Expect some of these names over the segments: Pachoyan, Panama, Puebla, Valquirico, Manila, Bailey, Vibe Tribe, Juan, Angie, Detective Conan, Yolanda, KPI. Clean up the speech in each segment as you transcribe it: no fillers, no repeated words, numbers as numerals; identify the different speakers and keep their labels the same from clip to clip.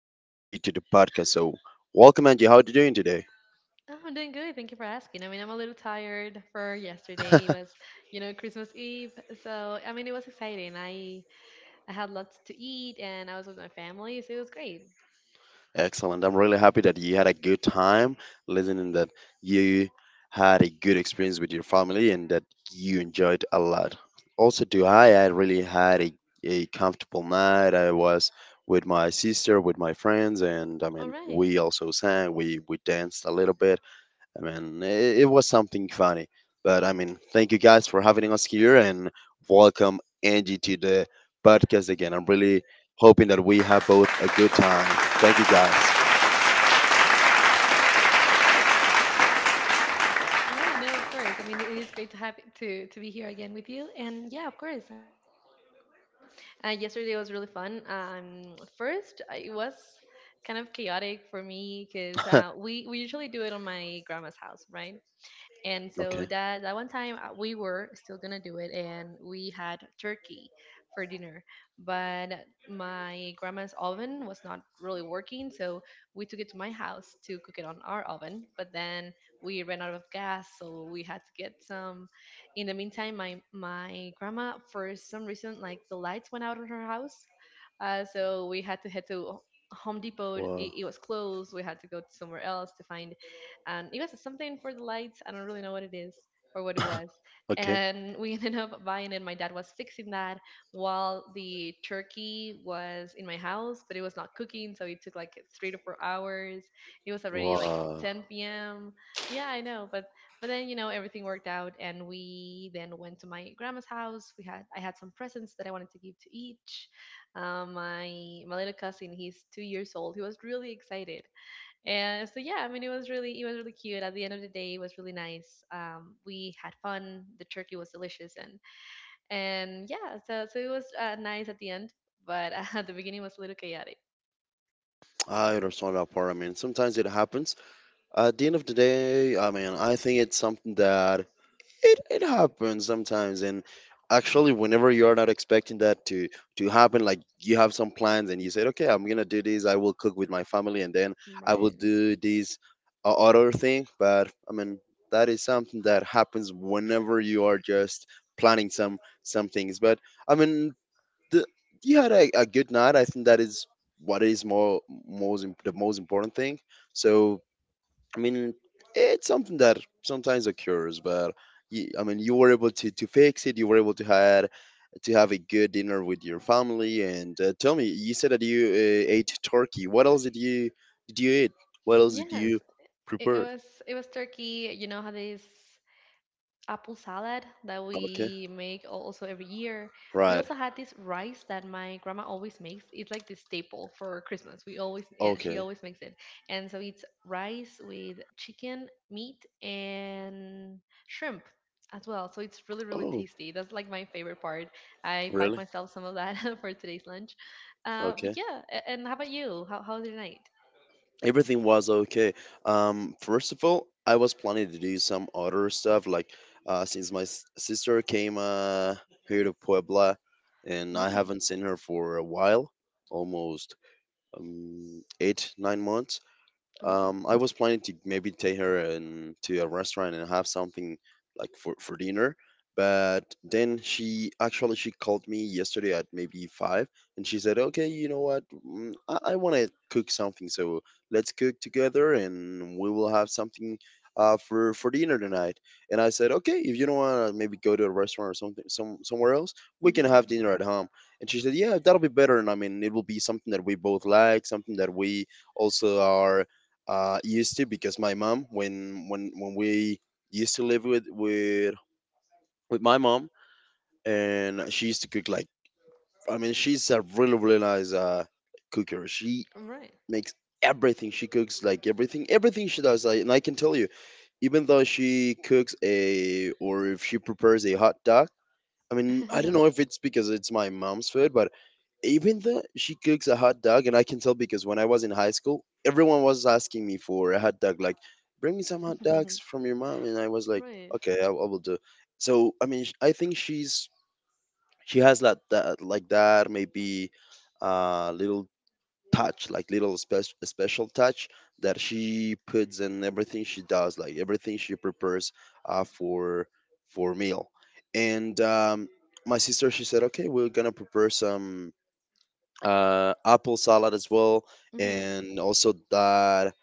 Speaker 1: back, Angie, to the podcast. So, welcome, Angie. How are you doing today?
Speaker 2: Oh, I'm doing good. Thank you for asking. I mean, I'm a little tired for yesterday. It was Christmas Eve. So, I mean, it was exciting. I had lots to eat and I was with my family, so it was great.
Speaker 1: Excellent. I'm really happy that you had a good time listening, that you had a good experience with your family, and that you enjoyed a lot. Also, I really had a comfortable night. I was with my sister, with my friends, and I
Speaker 2: All
Speaker 1: mean,
Speaker 2: right.
Speaker 1: we also sang, we danced a little bit. I mean, it was something funny. But I mean, thank you guys for having us here and welcome Angie to the podcast again. I'm really hoping that we have both a good time. Thank you guys.
Speaker 2: All right. No, of course. I mean, it is great to have to be here again with you. And yeah, of course. Yesterday was really fun. First, it was kind of chaotic for me because we usually do it on my grandma's house, right? And so
Speaker 1: Okay.
Speaker 2: that one time we were still gonna do it, and we had turkey for dinner. But my grandma's oven was not really working, so we took it to my house to cook it on our oven. But then we ran out of gas, so we had to get some. In the meantime, my grandma, for some reason, like the lights went out in her house, so we had to head to Home Depot. It,
Speaker 1: Wow.
Speaker 2: it was closed. We had to go somewhere else to find and it was something for the lights. I don't really know what it is or what it was.
Speaker 1: Okay.
Speaker 2: And we ended up buying it. My dad was fixing that while the turkey was in my house, but it was not cooking, so it took like 3 to 4 hours. It was already like
Speaker 1: Wow.
Speaker 2: 10 p.m. Yeah, I know, but but then everything worked out, and we then went to my grandma's house. We had I had some presents that I wanted to give to each. My little cousin, he's 2 years old. He was really excited and so yeah, I mean it was really cute. At the end of the day, it was really nice. We had fun. The turkey was delicious, and yeah, so it was nice at the end, but at the beginning was a little chaotic.
Speaker 1: I understand that part. I mean, sometimes it happens. At the end of the day, I mean, I think it's something that it happens sometimes. And actually, whenever you're not expecting that to happen, like you have some plans and you said, okay, I'm gonna do this. I will cook with my family, and then I will
Speaker 2: Right.
Speaker 1: do this other thing. But I mean, that is something that happens whenever you are just planning some things. But I mean, the, you had a good night. I think that is what is the most important thing. So I mean, it's something that sometimes occurs, but I mean, you were able to fix it. You were able to have a good dinner with your family. And tell me, you said that you ate turkey. What else did you eat? What else did you
Speaker 2: Yes, it, it
Speaker 1: prepare?
Speaker 2: was it was turkey. You know how they apple salad that
Speaker 1: Okay,
Speaker 2: we make also every year. We
Speaker 1: right.
Speaker 2: also had this rice that my grandma always makes. It's like the staple for Christmas. Yeah, she
Speaker 1: Okay.
Speaker 2: always makes it. And so it's rice with chicken, meat, and shrimp as well. So it's really, really
Speaker 1: Oh,
Speaker 2: tasty. That's like my favorite part. I packed
Speaker 1: really?
Speaker 2: myself some of that for today's lunch. Uh,
Speaker 1: Okay.
Speaker 2: but yeah, and how about you? How was your night?
Speaker 1: Everything was okay. First of all, I was planning to do some other stuff, like since my sister came here to Puebla, and I
Speaker 2: Right.
Speaker 1: haven't seen her for a while, almost 8, 9 months.
Speaker 2: All right.
Speaker 1: I was planning to maybe take her in, to a restaurant and have something like for dinner, but then she actually she called me yesterday at maybe five, and she said, "Okay, you know what? I want to cook something, so let's cook together, and we will have something for dinner tonight." And I said, "Okay, if you don't want to maybe go to a restaurant or something, somewhere else, we can have
Speaker 2: Mm-hmm.
Speaker 1: dinner at home." And she said, "Yeah, that'll be better, and I mean, it will be something that we both like, something that we." Also are used to, because my mom, when we used to live with my mom, and she used to cook like, I mean, she's a really really nice cooker. She
Speaker 2: Right.
Speaker 1: makes everything she cooks like, everything she does like, and I can tell you, even though she cooks a or if she prepares a hot dog, I mean, I don't know if it's because it's my mom's food, but even though she cooks a hot dog, and I can tell because when I was in high school, everyone was asking me for a hot dog, like, bring me some hot dogs from your mom. And I was like,
Speaker 2: Right.
Speaker 1: okay, I will do. So, I mean, I think she has that like that, maybe little touch, like little special touch that she puts in everything she does, like everything she prepares uh, for, for meal. And my sister, she said, okay, we're going to prepare some apple salad as well, and also that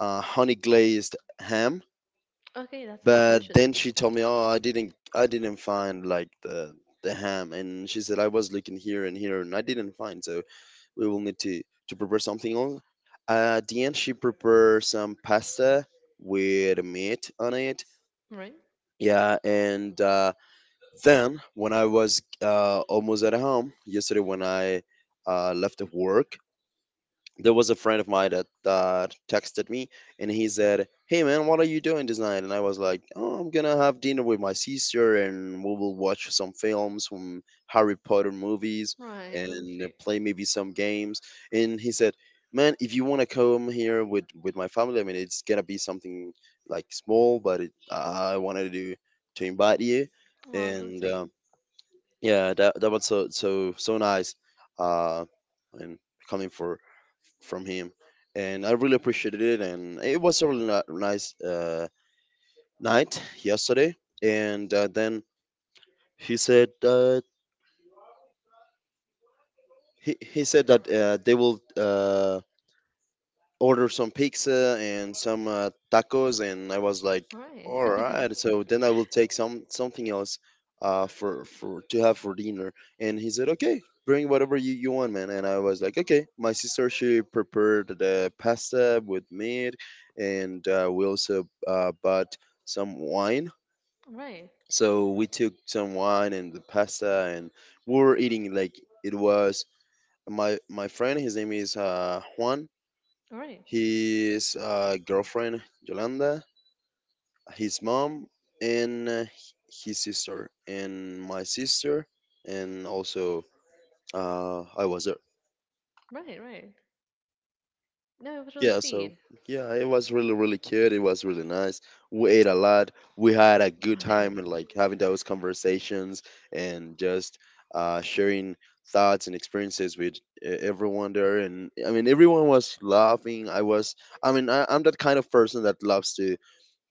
Speaker 1: honey glazed ham.
Speaker 2: Okay, that sounds
Speaker 1: But
Speaker 2: delicious.
Speaker 1: then she told me, "Oh, I didn't find like the ham," and she said, "I was looking here and here, and I didn't find." So we will need to prepare something else. At the end, she prepared some pasta with meat on it.
Speaker 2: Right?
Speaker 1: Yeah, and then, when I was almost at home yesterday, when I left the work, there was a friend of mine that texted me, and he said, "Hey man, what are you doing tonight?" And I was like, "Oh, I'm gonna have dinner with my sister, and we will watch some films, some Harry Potter movies,
Speaker 2: Right, really
Speaker 1: and
Speaker 2: sweet.
Speaker 1: play maybe some games." And he said, "Man, if you want to come here with my family, I mean, it's gonna be something like small, but I wanted to invite you."
Speaker 2: Oh, that's really
Speaker 1: And
Speaker 2: sweet.
Speaker 1: yeah, that was so nice. Uh, and coming for from him, and I really appreciated it. And it was a really nice night yesterday. And then he said that he, he said that. They will order some pizza and some tacos, and I was like,
Speaker 2: Right.
Speaker 1: all right. So then I will take something else for to have for dinner. And he said, "Okay, bring whatever you want, man." And I was like, okay. My sister, she prepared the pasta with meat, and we also bought some wine.
Speaker 2: Right.
Speaker 1: So we took some wine and the pasta, and we were eating. Like, it was my friend, his name is Juan,
Speaker 2: Right.
Speaker 1: his girlfriend Yolanda, his mom, and his sister, and my sister, and also I was there.
Speaker 2: Right, right. No, it was really
Speaker 1: Yeah, so
Speaker 2: sweet.
Speaker 1: yeah, it was really really cute. It was really nice. We ate a lot. We had a good
Speaker 2: Right.
Speaker 1: time, and like having those conversations and just sharing thoughts and experiences with everyone there. And I mean, everyone was laughing. I was. I mean, I'm that kind of person that loves to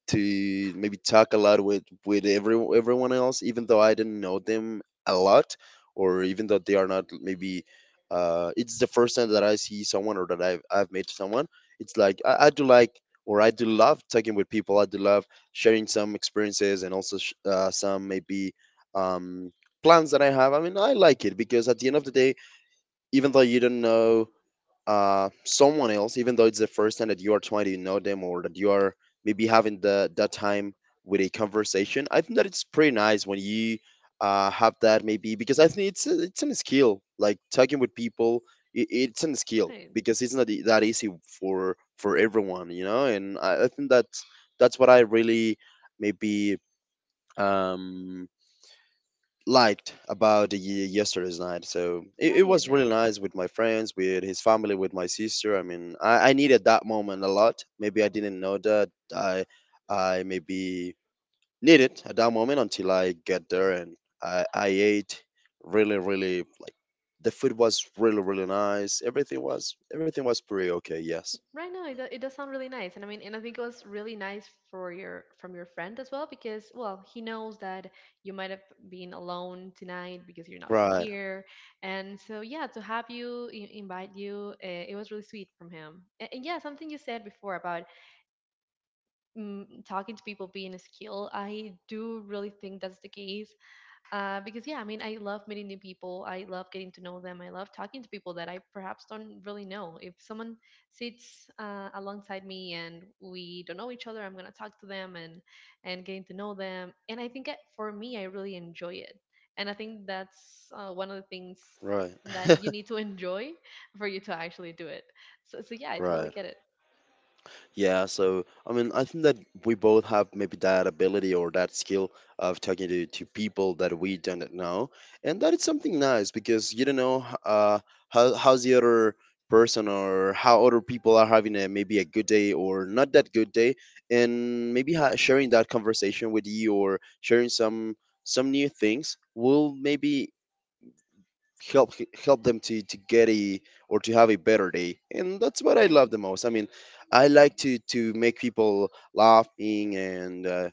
Speaker 1: to maybe talk a lot with everyone else, even though I didn't know them a lot, or even though they are not maybe, it's the first time that I see someone or that I've met someone. It's like I do like, or I do love talking with people. I do love sharing some experiences and also some maybe um, plans that I have. I mean, I like it, because at the end of the day, even though you don't know someone else, even though it's the first time that you are trying to know them or that you are maybe having the that time with a conversation, I think that it's pretty nice when you have that maybe, because I think it's a skill, like talking with people. It's a skill,
Speaker 2: Right.
Speaker 1: because it's not that easy for everyone. And I think that that's what I really maybe um liked about the yesterday's night. So it was
Speaker 2: Right.
Speaker 1: really nice with my friends, with his family, with my sister. I mean, I needed that moment a lot. Maybe I didn't know that I maybe needed at that moment until I get there, and I ate really really, like, the food was really really nice. Everything was pretty okay. Yes.
Speaker 2: Right now it does sound really nice. And I mean and I think it was really nice for your from your friend as well because well, he knows that you might have been alone tonight because you're not from
Speaker 1: Right.
Speaker 2: here. And so yeah, to have you invite you, it was really sweet from him. And, yeah, something you said before about talking to people being a skill. I do really think that's the case. Because, yeah, I mean, I love meeting new people. I love getting to know them. I love talking to people that I perhaps don't really know. If someone sits alongside me and we don't know each other, I'm going to talk to them and getting to know them. And I think for me, I really enjoy it. And I think that's one of the things
Speaker 1: Right.
Speaker 2: that you need to enjoy for you to actually do it. So yeah, I totally
Speaker 1: Right.
Speaker 2: get it.
Speaker 1: Yeah, so I mean, I think that we both have maybe that ability or that skill of talking to people that we don't know, and that is something nice, because you don't know how's the other person, or how other people are having a maybe a good day or not that good day, and maybe sharing that conversation with you, or sharing some new things will maybe help them to have a better day, and that's what I love
Speaker 2: Right.
Speaker 1: the most. I mean, I like to make people laughing, and uh,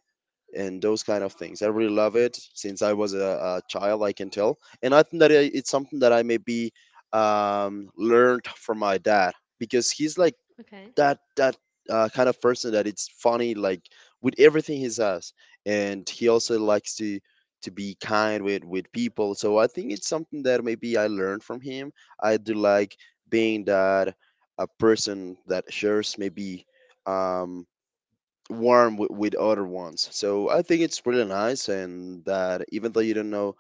Speaker 1: and those kind of things I really love it since I was a child, I can tell. And I think that it's something that I maybe learned from my dad, because he's like
Speaker 2: Okay.
Speaker 1: that kind of person that it's funny, like with everything he says, and he also likes to be kind with people, so I think it's something that maybe I learned from him. I do like being that a person that shares maybe um warm with other ones, so I think it's really nice. And that even though you don't know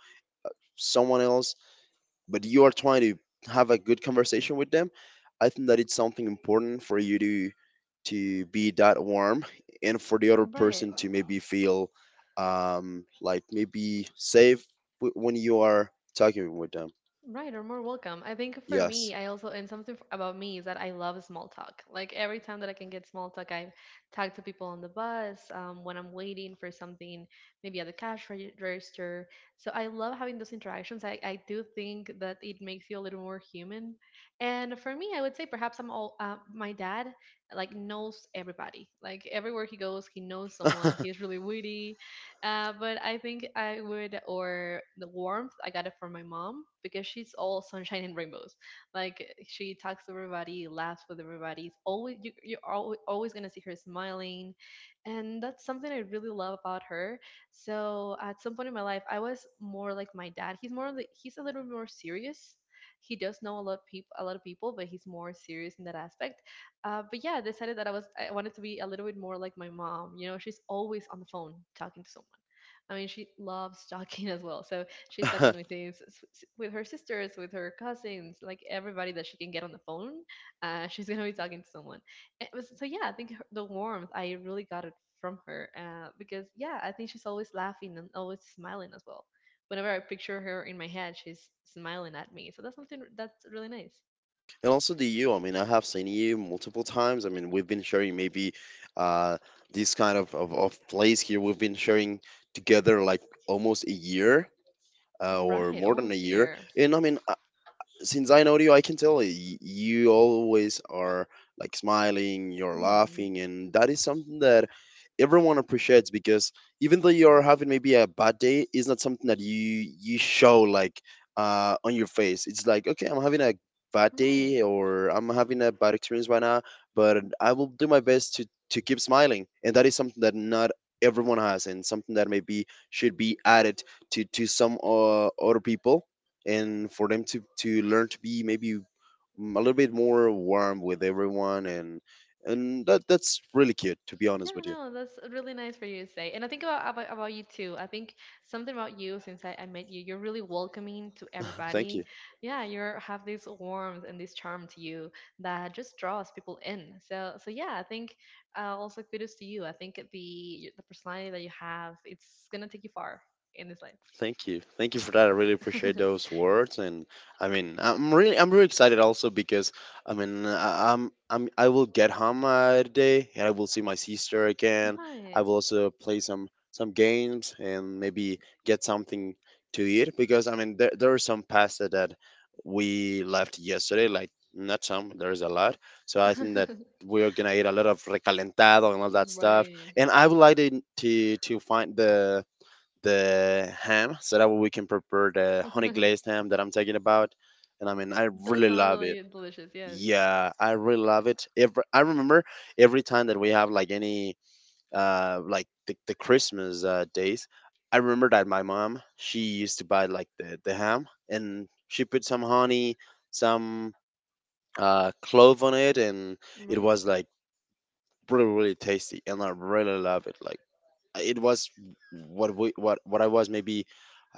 Speaker 1: someone else, but you are trying to have a good conversation with them, I think that it's something important for you to be that warm, and for the other
Speaker 2: Right.
Speaker 1: person to maybe feel like maybe safe when you are talking with them.
Speaker 2: Right, or more welcome. I think for
Speaker 1: Yes.
Speaker 2: me, I also, and something about me is that I love small talk. Like every time that I can get small talk, I talk to people on the bus, when I'm waiting for something, maybe at the cash register. So I love having those interactions. I do think that it makes you a little more human. And for me, I would say perhaps my dad like knows everybody. Like everywhere he goes, he knows someone. He's really witty. But I think I would, or the warmth, I got it from my mom because she's all sunshine and rainbows. Like she talks to everybody, laughs with everybody. It's always you're always, always gonna see her smiling, and that's something I really love about her. So at some point in my life, I was more like my dad. He's a little more serious. He does know a lot of people, a lot of people, but he's more serious in that aspect. But yeah, I decided that I wanted to be a little bit more like my mom. You know, she's always on the phone talking to someone. I mean, she loves talking as well. So she's talking
Speaker 1: And
Speaker 2: with her sisters, with her cousins, like everybody that she can get on the phone. She's gonna be talking to someone. So yeah, I think the warmth I really got it from her because yeah, I think she's always laughing and always smiling as well. Whenever I picture her in my head, she's smiling at me. So that's something that's really nice.
Speaker 1: also the you, I mean, I have seen you multiple times. I mean, we've been sharing maybe uh this kind of place here, we've been sharing together like almost a year, or
Speaker 2: Right,
Speaker 1: more than a
Speaker 2: almost a
Speaker 1: year.
Speaker 2: year.
Speaker 1: And I mean, since I know you, I can tell you always are like smiling, you're
Speaker 2: Hmm.
Speaker 1: laughing, and that is something that everyone appreciates because, even though you're having maybe a bad day, it's not something that you show, like, on your face. It's like, okay, I'm having a bad day
Speaker 2: Right.
Speaker 1: or I'm having a bad experience right now, but I will do my best to keep smiling, and that is something that not everyone has, and something that maybe should be added to some other people and for them to learn to be maybe a little bit more warm with everyone. And that's really cute, to be honest
Speaker 2: Yeah,
Speaker 1: with you.
Speaker 2: no, that's really nice for you to say. And I think about you too. I think something about you since I met you, you're really welcoming to
Speaker 1: Thank you.
Speaker 2: everybody. Yeah, you are have this warmth and this charm to you that just draws people in. So yeah, I think also kudos to you. I think the personality that you have, it's gonna take you far in this
Speaker 1: Thank you. Thank you for that. I really
Speaker 2: life.
Speaker 1: appreciate those words, and I mean, I'm really excited also because I mean, I, I'm I will get home today and I will see my sister again. I
Speaker 2: Right.
Speaker 1: will also play some games and maybe get something to eat because I mean, there are some pasta that we left yesterday, like, not some, there's a lot. So I think that we're gonna eat a lot of recalentado and all that stuff.
Speaker 2: Right.
Speaker 1: And I would like to find the ham, so that way we can prepare the honey glazed ham that I'm talking about. And I mean, I
Speaker 2: Does
Speaker 1: really
Speaker 2: sound
Speaker 1: love
Speaker 2: really
Speaker 1: it.
Speaker 2: delicious, yes.
Speaker 1: Yeah, I really love it. I remember every time that we have, like, any like the Christmas days, I remember that my mom, she used to buy like the ham, and she put some honey, some clove on it, and it
Speaker 2: Right.
Speaker 1: was like really really tasty, and I really love it. Like, it was what we what I was maybe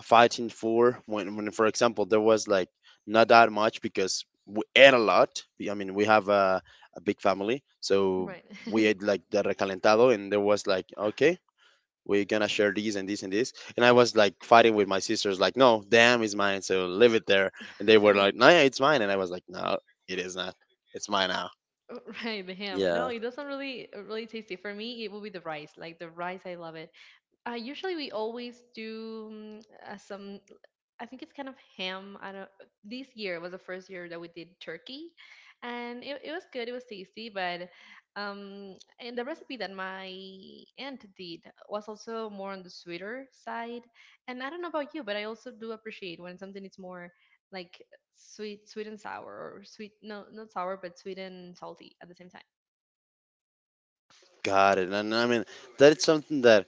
Speaker 1: fighting for when for example there was like not that much because we ate a lot. I mean, we have a big family, so
Speaker 2: Right.
Speaker 1: we ate like the recalentado, and there was like, okay, we're gonna share these and this and this, and I was like fighting with my sisters, like, no damn, it's mine, so leave it there. And they were like, no, yeah, it's mine. And I was like, no, it is not, it's mine now.
Speaker 2: Right, the ham. No,
Speaker 1: Yeah,
Speaker 2: it doesn't really really tasty. For me, it will be the rice. Like the rice, I love it. Usually, we always do some. I think it's kind of ham. I don't. This year was the first year that we did turkey, and it was good. It was tasty, but and the recipe that my aunt did was also more on the sweeter side. And I don't know about you, but I also do appreciate when something is more like sweet and sour or sweet, no, not sour but sweet and salty at the same time.
Speaker 1: got it. And I mean, that is something that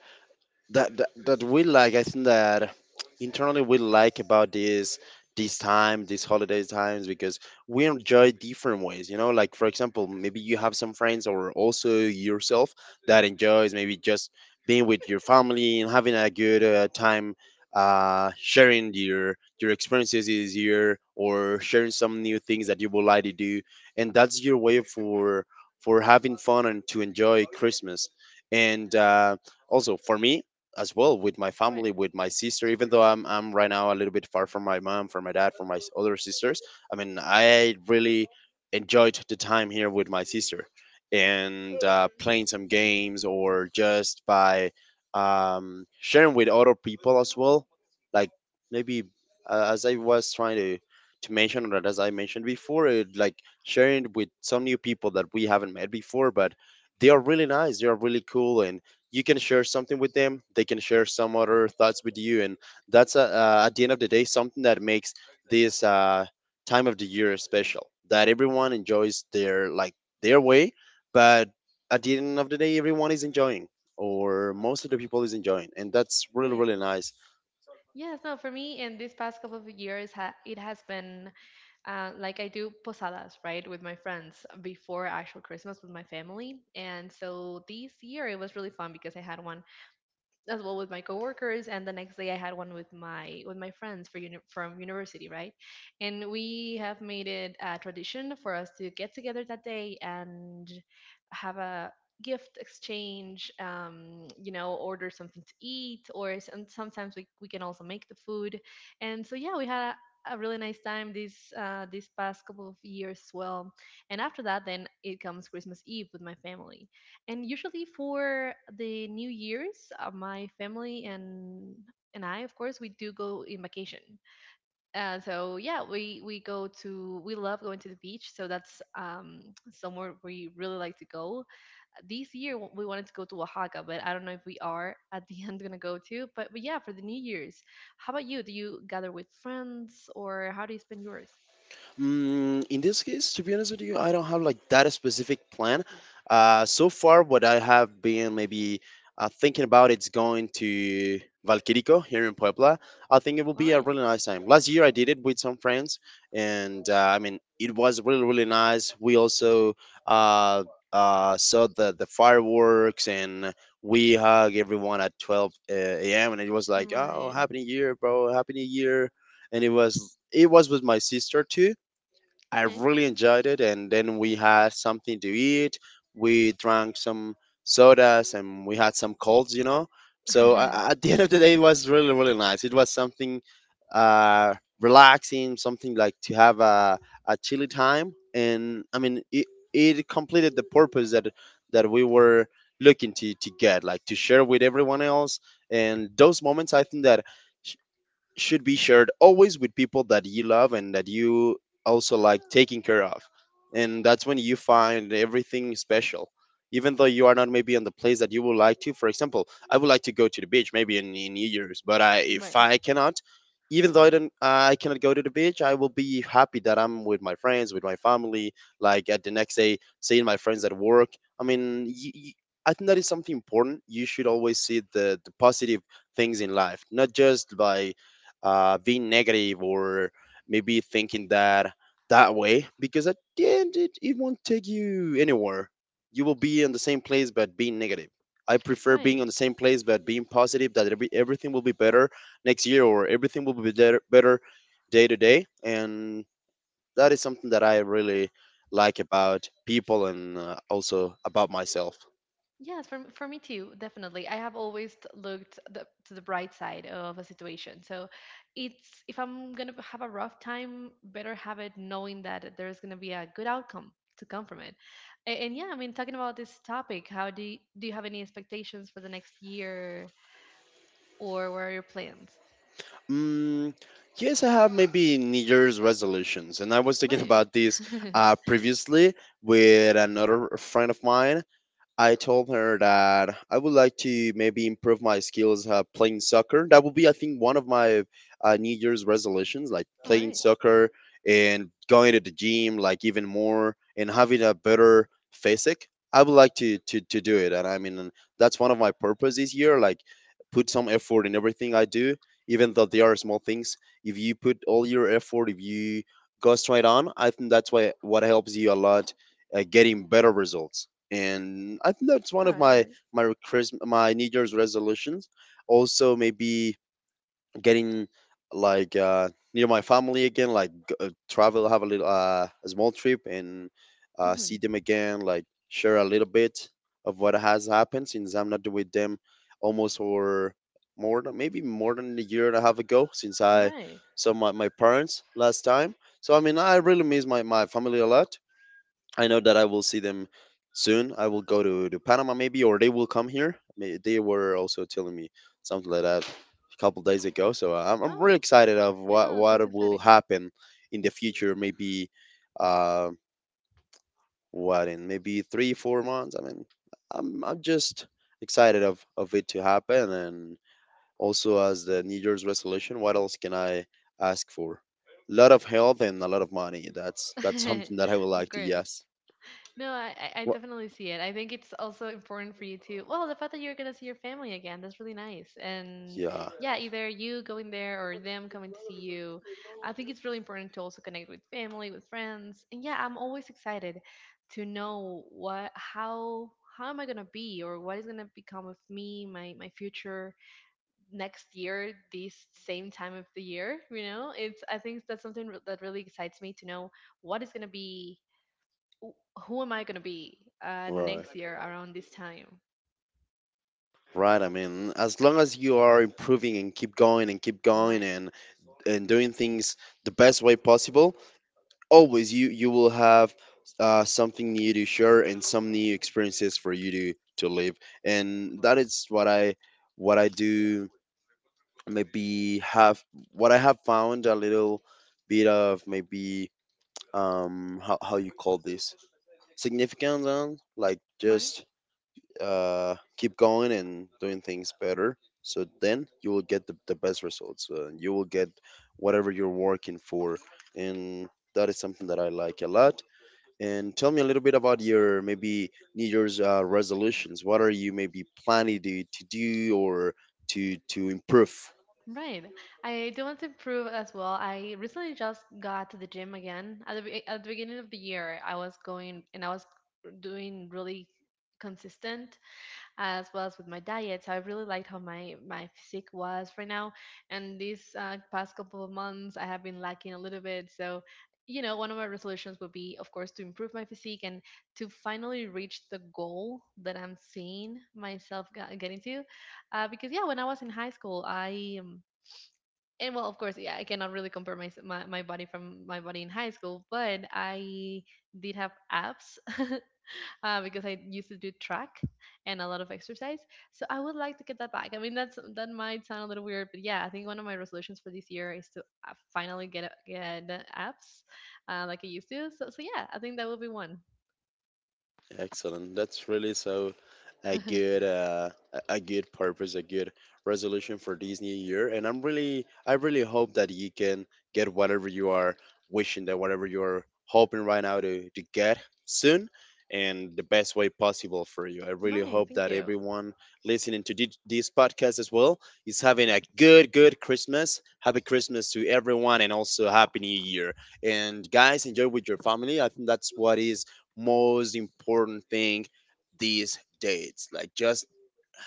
Speaker 1: that, that that we like. I think that internally we like about this, this time, these holiday times, because we enjoy different ways, you know, like, for example, maybe you have some friends or also yourself that enjoys maybe just being with your family and having a good time, sharing your experiences this year or sharing some new things that you would like to do, and that's your way for having fun and to enjoy Christmas. And also for me as well, with my
Speaker 2: Right.
Speaker 1: family, with my sister. Even though I'm right now a little bit far from my mom, from my dad, from my other sisters. I mean, I really enjoyed the time here with my sister, and playing some games or just by sharing with other people as well. Like, maybe as I was trying to mention, or as I mentioned before, it, like, sharing with some new people that we haven't met before, but they are really nice. They are really cool, and you can share something with them, they can share some other thoughts with you, and that's at the end of the day, something that makes this time of the year special, that everyone enjoys their like their way. But at the end of the day, everyone is enjoying, or most of the people is enjoying, and that's really
Speaker 2: Right.
Speaker 1: really nice.
Speaker 2: Yes. No, for me in these past couple of years it has been like I do posadas, right, with my friends before actual Christmas with my family. And so this year it was really fun because I had one as well with my coworkers, and the next day I had one with my friends from university, right. And we have made it a tradition for us to get together that day and have a gift exchange, order something to eat, and sometimes we can also make the food. And so yeah, we had a really nice time this past couple of years as well. And after that then it comes Christmas Eve with my family. And usually for the New Year's, my family and I, of course, we do go in vacation. So yeah, we love going to the beach. So that's somewhere we really like to go. This year we wanted to go to Oaxaca, but I don't know if we are at the end gonna go to. But yeah, for the New Year's, how about you? Do you gather with friends or how do you spend yours?
Speaker 1: In this case, to be honest with you, I don't have like that specific plan. So far, what I have been maybe thinking about, it's going to Valquirico here in Puebla. I think it will
Speaker 2: All
Speaker 1: be a
Speaker 2: right.
Speaker 1: really nice time. Last year, I did it with some friends, and I mean, it was really really nice. We also uh, saw the fireworks, and we hug everyone at 12 a.m. and it was like, oh,
Speaker 2: Right.
Speaker 1: happy new year, bro, happy new year. And it was, it was with my sister too. I
Speaker 2: Okay.
Speaker 1: really enjoyed it. And then we had something to eat. We drank some sodas and we had some colds, you know. So at the end of the day, it was really, really nice. It was something uh, relaxing, something like to have a chilly time. And I mean, it completed the purpose that we were looking to get, like, to share with everyone else. And those moments, I think that should be shared always with people that you love and that you also like taking care of. And that's when you find everything special. Even though you are not maybe on the place that you would like to, for example, I would like to go to the beach maybe in New Year's, but I if
Speaker 2: Right.
Speaker 1: I cannot, even though I don't, I cannot go to the beach, I will be happy that I'm with my friends, with my family. Like, at the next day, seeing my friends at work. I mean, y y I think that is something important. You should always see the positive things in life, not just by being negative or maybe thinking that that way, because at the end, it won't take you anywhere. You will be in the same place but being negative. I prefer being
Speaker 2: Right.
Speaker 1: on the same place but being positive, that everything will be better next year, or everything will be better, better day to day. And that is something that I really like about people, and also about myself.
Speaker 2: Yes, for me too, definitely. I have always looked to the bright side of a situation. So it's if I'm going to have a rough time, better have it knowing that there's going to be a good outcome to come from it. And, yeah, I mean, talking about this topic, do you have any expectations for the next year or what are your plans?
Speaker 1: Mm, yes, I have maybe New Year's resolutions, and I was thinking
Speaker 2: Right.
Speaker 1: about this previously with another friend of mine. I told her that I would like to maybe improve my skills playing soccer. That would be, I think, one of my New Year's resolutions, like
Speaker 2: All
Speaker 1: playing
Speaker 2: right.
Speaker 1: soccer and going to the gym, like even more, and having a better physique. I would like to do it, and I mean, that's one of my purpose this year. Like, put some effort in everything I do, even though they are small things. If you put all your effort, if you go straight on, I think that's why, what helps you a lot getting better results. And I think that's one
Speaker 2: All
Speaker 1: of
Speaker 2: right. All
Speaker 1: my
Speaker 2: right.
Speaker 1: my Chris my New Year's resolutions. Also, maybe getting, like, near my family again, like, travel, have a little a small trip, and
Speaker 2: Mm-hmm.
Speaker 1: see them again, like, share a little bit of what has happened since I'm not with them almost for more than, maybe more than a year and a half ago, since I
Speaker 2: Right.
Speaker 1: saw my parents last time. So I mean, I really miss my family a lot. I know that I will see them soon. I will go to Panama maybe, or they will come here. They were also telling me something like that a couple days ago. So I'm really
Speaker 2: Oh,
Speaker 1: excited of
Speaker 2: yeah,
Speaker 1: what
Speaker 2: no, that
Speaker 1: what
Speaker 2: sounds
Speaker 1: will
Speaker 2: exciting.
Speaker 1: happen in the future. Maybe uh, what in maybe three four months. I mean, I'm just excited of it to happen, and also as the New Year's resolution. What else can I ask for? A lot of health and a lot of money. That's something that I would
Speaker 2: Of
Speaker 1: like to.
Speaker 2: course.
Speaker 1: Yes.
Speaker 2: No, I
Speaker 1: What?
Speaker 2: definitely see it. I think it's also important well, the fact that you're gonna see your family again, that's really nice. And
Speaker 1: Yeah.
Speaker 2: yeah, either you going there or them coming to see you. I think it's really important to also connect with family, with friends. And yeah, I'm always excited to know what how am I gonna be, or what is gonna become of me, my future next year, this same time of the year, It's I think that's something that really excites me to know what is gonna be. Who am I going to be
Speaker 1: Right.
Speaker 2: next year around this time?
Speaker 1: Right. I mean, as long as you are improving and keep going and keep going,
Speaker 2: Right,
Speaker 1: and doing things the best way possible, always you will have something new to share and some new experiences for you to live. And that is what I do. Maybe have what I have found a little bit of, maybe, how you call this, significance on, like,
Speaker 2: right,
Speaker 1: just keep going and doing things better. So then you will get the best results. You will get whatever you're working for. And that is something that I like a lot. And tell me a little bit about your maybe New Year's resolutions. What are you maybe planning to do or to improve?
Speaker 2: right. I do want to improve as well. I recently just got to the gym again. At the, at the beginning of the year, I was going and I was doing really consistent, as well as with my diet. So I really liked how my physique was right now. And these past couple of months, I have been lacking a little bit. So you know, one of my resolutions would be, of course, to improve my physique and to finally reach the goal that I'm seeing myself getting to. Because yeah, when I was in high school, I and well, of course, yeah, I cannot really compare my body from my body in high school, but I did have abs because I used to do track and a lot of exercise. So I would like to get that back. I mean, that might sound a little weird, but yeah, I think one of my resolutions for this year is to finally get abs like I used to. So yeah, I think that will be one.
Speaker 1: Excellent. That's really, so a good uh, a a good purpose, a good resolution for this new year. And I'm really I really hope that you can get whatever you are wishing, that whatever you're hoping right now to, get soon and the best way possible for you. I really
Speaker 2: Right.
Speaker 1: hope
Speaker 2: Thank
Speaker 1: that
Speaker 2: you.
Speaker 1: everyone listening to this podcast as well is having a good, good Christmas. Happy Christmas to everyone and also happy new year. And guys, enjoy with your family. I think that's what is most important thing these days. Like just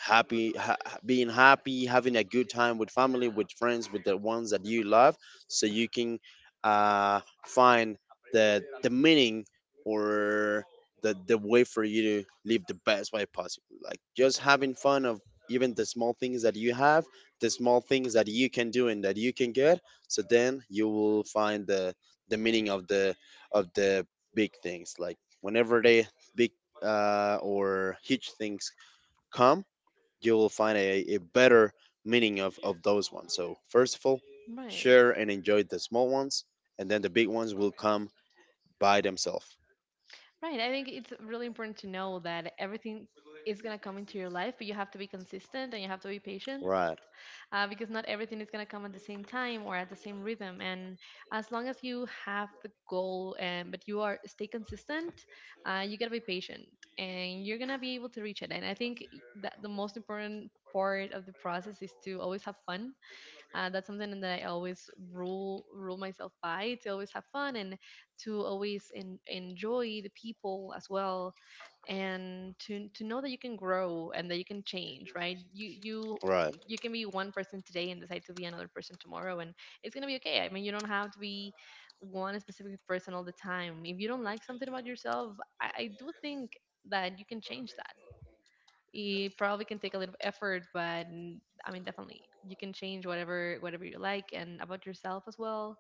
Speaker 1: being happy, having a good time with family, with friends, with the ones that you love, so you can find the meaning or the way for you to live the best way possible. Like just having fun of even the small things that you have, the small things that you can do and that you can get. So then you will find the meaning of the big things. Like whenever the big or huge things come, you will find a better meaning of those ones. So, first of all,
Speaker 2: Right.
Speaker 1: share and enjoy the small ones, and then the big ones will come by themselves.
Speaker 2: Right. I think it's really important to know that everything is gonna come into your life, but you have to be consistent and you have to be patient,
Speaker 1: Right,
Speaker 2: because not everything is going to come at the same time or at the same rhythm. And as long as you have the goal, and but you are stay consistent, you got to be patient, and you're going to be able to reach it. And I think that the most important part of the process is to always have fun. That's something that I always rule myself by, to always have fun and to always enjoy the people as well, and to know that you can grow and that you can change. Right? You
Speaker 1: right.
Speaker 2: you can be one person today and decide to be another person tomorrow, and it's going to be okay. I mean, you don't have to be one specific person all the time. If you don't like something about yourself, I do think that you can change. It probably can take a little effort, but I mean, definitely you can change whatever you like and about yourself as well.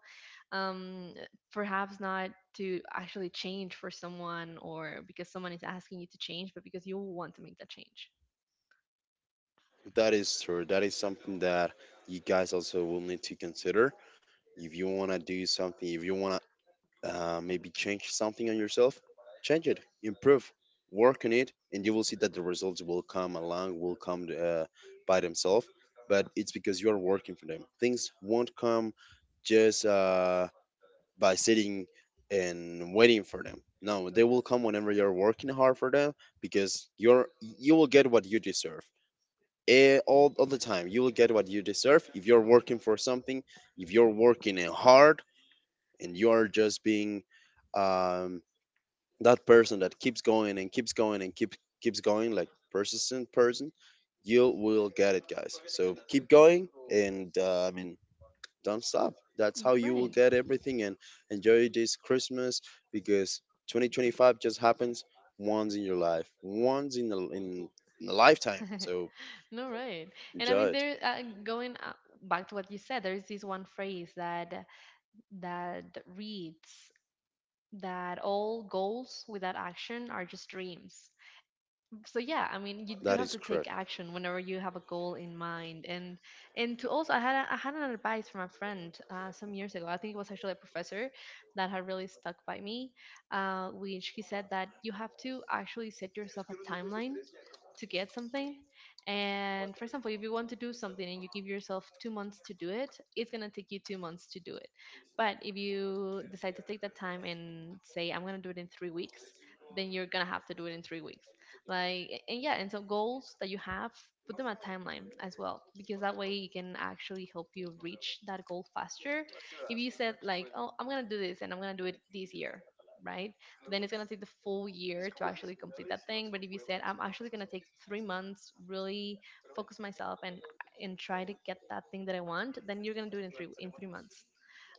Speaker 2: um Perhaps not to actually change for someone or because someone is asking you to change, but because you want to make that change.
Speaker 1: That is true. That is something that you guys also will need to consider. If you want to do something, if you want to maybe change something on yourself, change it, improve, work on it, and you will see that the results will come along, will come by themselves. But it's because you are working for them. Things won't come just by sitting and waiting for them. No, they will come whenever you're working hard for them, because you will get what you deserve. All the time you will get what you deserve if you're working for something, if you're working hard, and you're just being um, that person that keeps going and keeps going and keeps going, like persistent person. You will get it, guys, so keep going, and I mean, don't stop. That's how you will
Speaker 2: Right.
Speaker 1: get everything. And enjoy this Christmas, because 2025 just happens once in your life, once in in a lifetime, so
Speaker 2: no Right. And I
Speaker 1: enjoy
Speaker 2: mean,
Speaker 1: it.
Speaker 2: there going back to what you said, there's this one phrase that reads that all goals without action are just dreams. So yeah, I mean, you do
Speaker 1: That
Speaker 2: have
Speaker 1: is
Speaker 2: to take
Speaker 1: correct.
Speaker 2: action whenever you have a goal in mind. And to also, I had an advice from a friend some years ago, I think it was actually a professor, that had really stuck by me, which he said that you have to actually set yourself a timeline to get something. And for example, if you want to do something and you give yourself 2 months to do it, it's going to take you 2 months to do it. But if you decide to take that time and say I'm going to do it in 3 weeks, then you're going to have to do it in 3 weeks. And yeah, and so goals that you have, put them a timeline as well, because that way it can actually help you reach that goal faster. If you said like, oh, I'm gonna do this and I'm gonna do it this year, right, then it's gonna take the full year to actually complete that thing. But if you said I'm actually gonna take 3 months, really focus myself and try to get that thing that I want, then you're gonna do it in 3 months.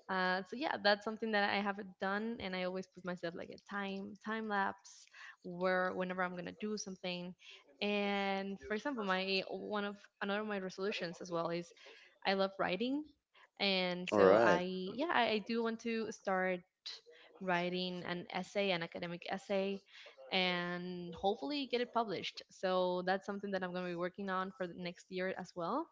Speaker 2: Uh, so yeah, that's something that I have done, and I always put myself like a time lapse where whenever I'm gonna do something. And for example, my one of another of my resolutions as well is I love writing, and
Speaker 1: All
Speaker 2: so I
Speaker 1: right.
Speaker 2: yeah I do want to start writing an essay, an academic essay, and hopefully get it published. So that's something that I'm going to be working on for the next year as well.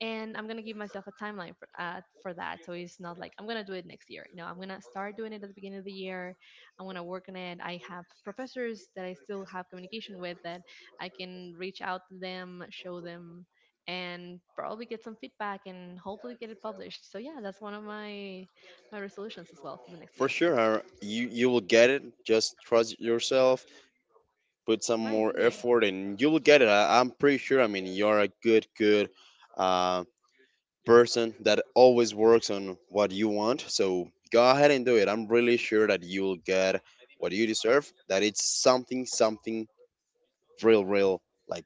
Speaker 2: And I'm going to give myself a timeline for that. So it's not like I'm going to do it next year. No, I'm going to start doing it at the beginning of the year. And when I work on it, I have professors that I still have communication with that I can reach out to them, show them, and probably get some feedback and hopefully get it published. So yeah, that's one of my resolutions as well for the next year.
Speaker 1: For sure, you, you will get it. Just trust yourself, put some
Speaker 2: Right,
Speaker 1: more
Speaker 2: thank you.
Speaker 1: effort, and you will get it. I'm pretty sure. I mean, you're a good, good uh, person that always works on what you want. So go ahead and do it. I'm really sure that you'll get what you deserve, that it's something, something real, real, like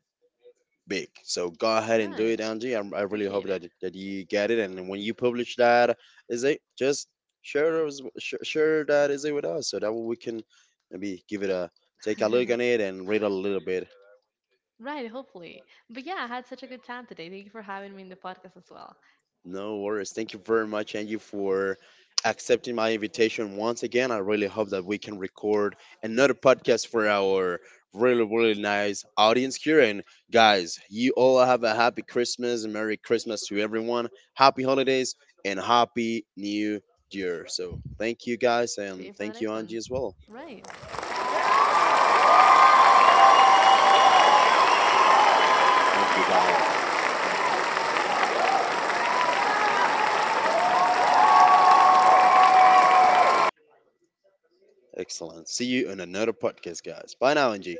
Speaker 1: big. So go ahead and do
Speaker 2: Right.
Speaker 1: it, Angie. I really hope
Speaker 2: Appreciate
Speaker 1: that, that you get it. And when you publish that, is it just share, share that, is it with us, so that we can maybe give it a take a look
Speaker 2: it.
Speaker 1: on it and read a little bit.
Speaker 2: Right, hopefully. But yeah, I had such a good time today. Thank you for having me in the podcast as well.
Speaker 1: No worries. Thank you very much, Angie, for accepting my invitation once again. I really hope that we can record another podcast for our really, really nice audience here. And guys, you all have a happy Christmas, and Merry Christmas to everyone. Happy holidays and Happy New Year. So thank you, guys,
Speaker 2: See you
Speaker 1: and
Speaker 2: for the
Speaker 1: thank
Speaker 2: next
Speaker 1: you,
Speaker 2: one.
Speaker 1: Angie, as well.
Speaker 2: Right.
Speaker 1: Thank you, guys. Excellent. See you in another podcast, guys. Bye now, Angie.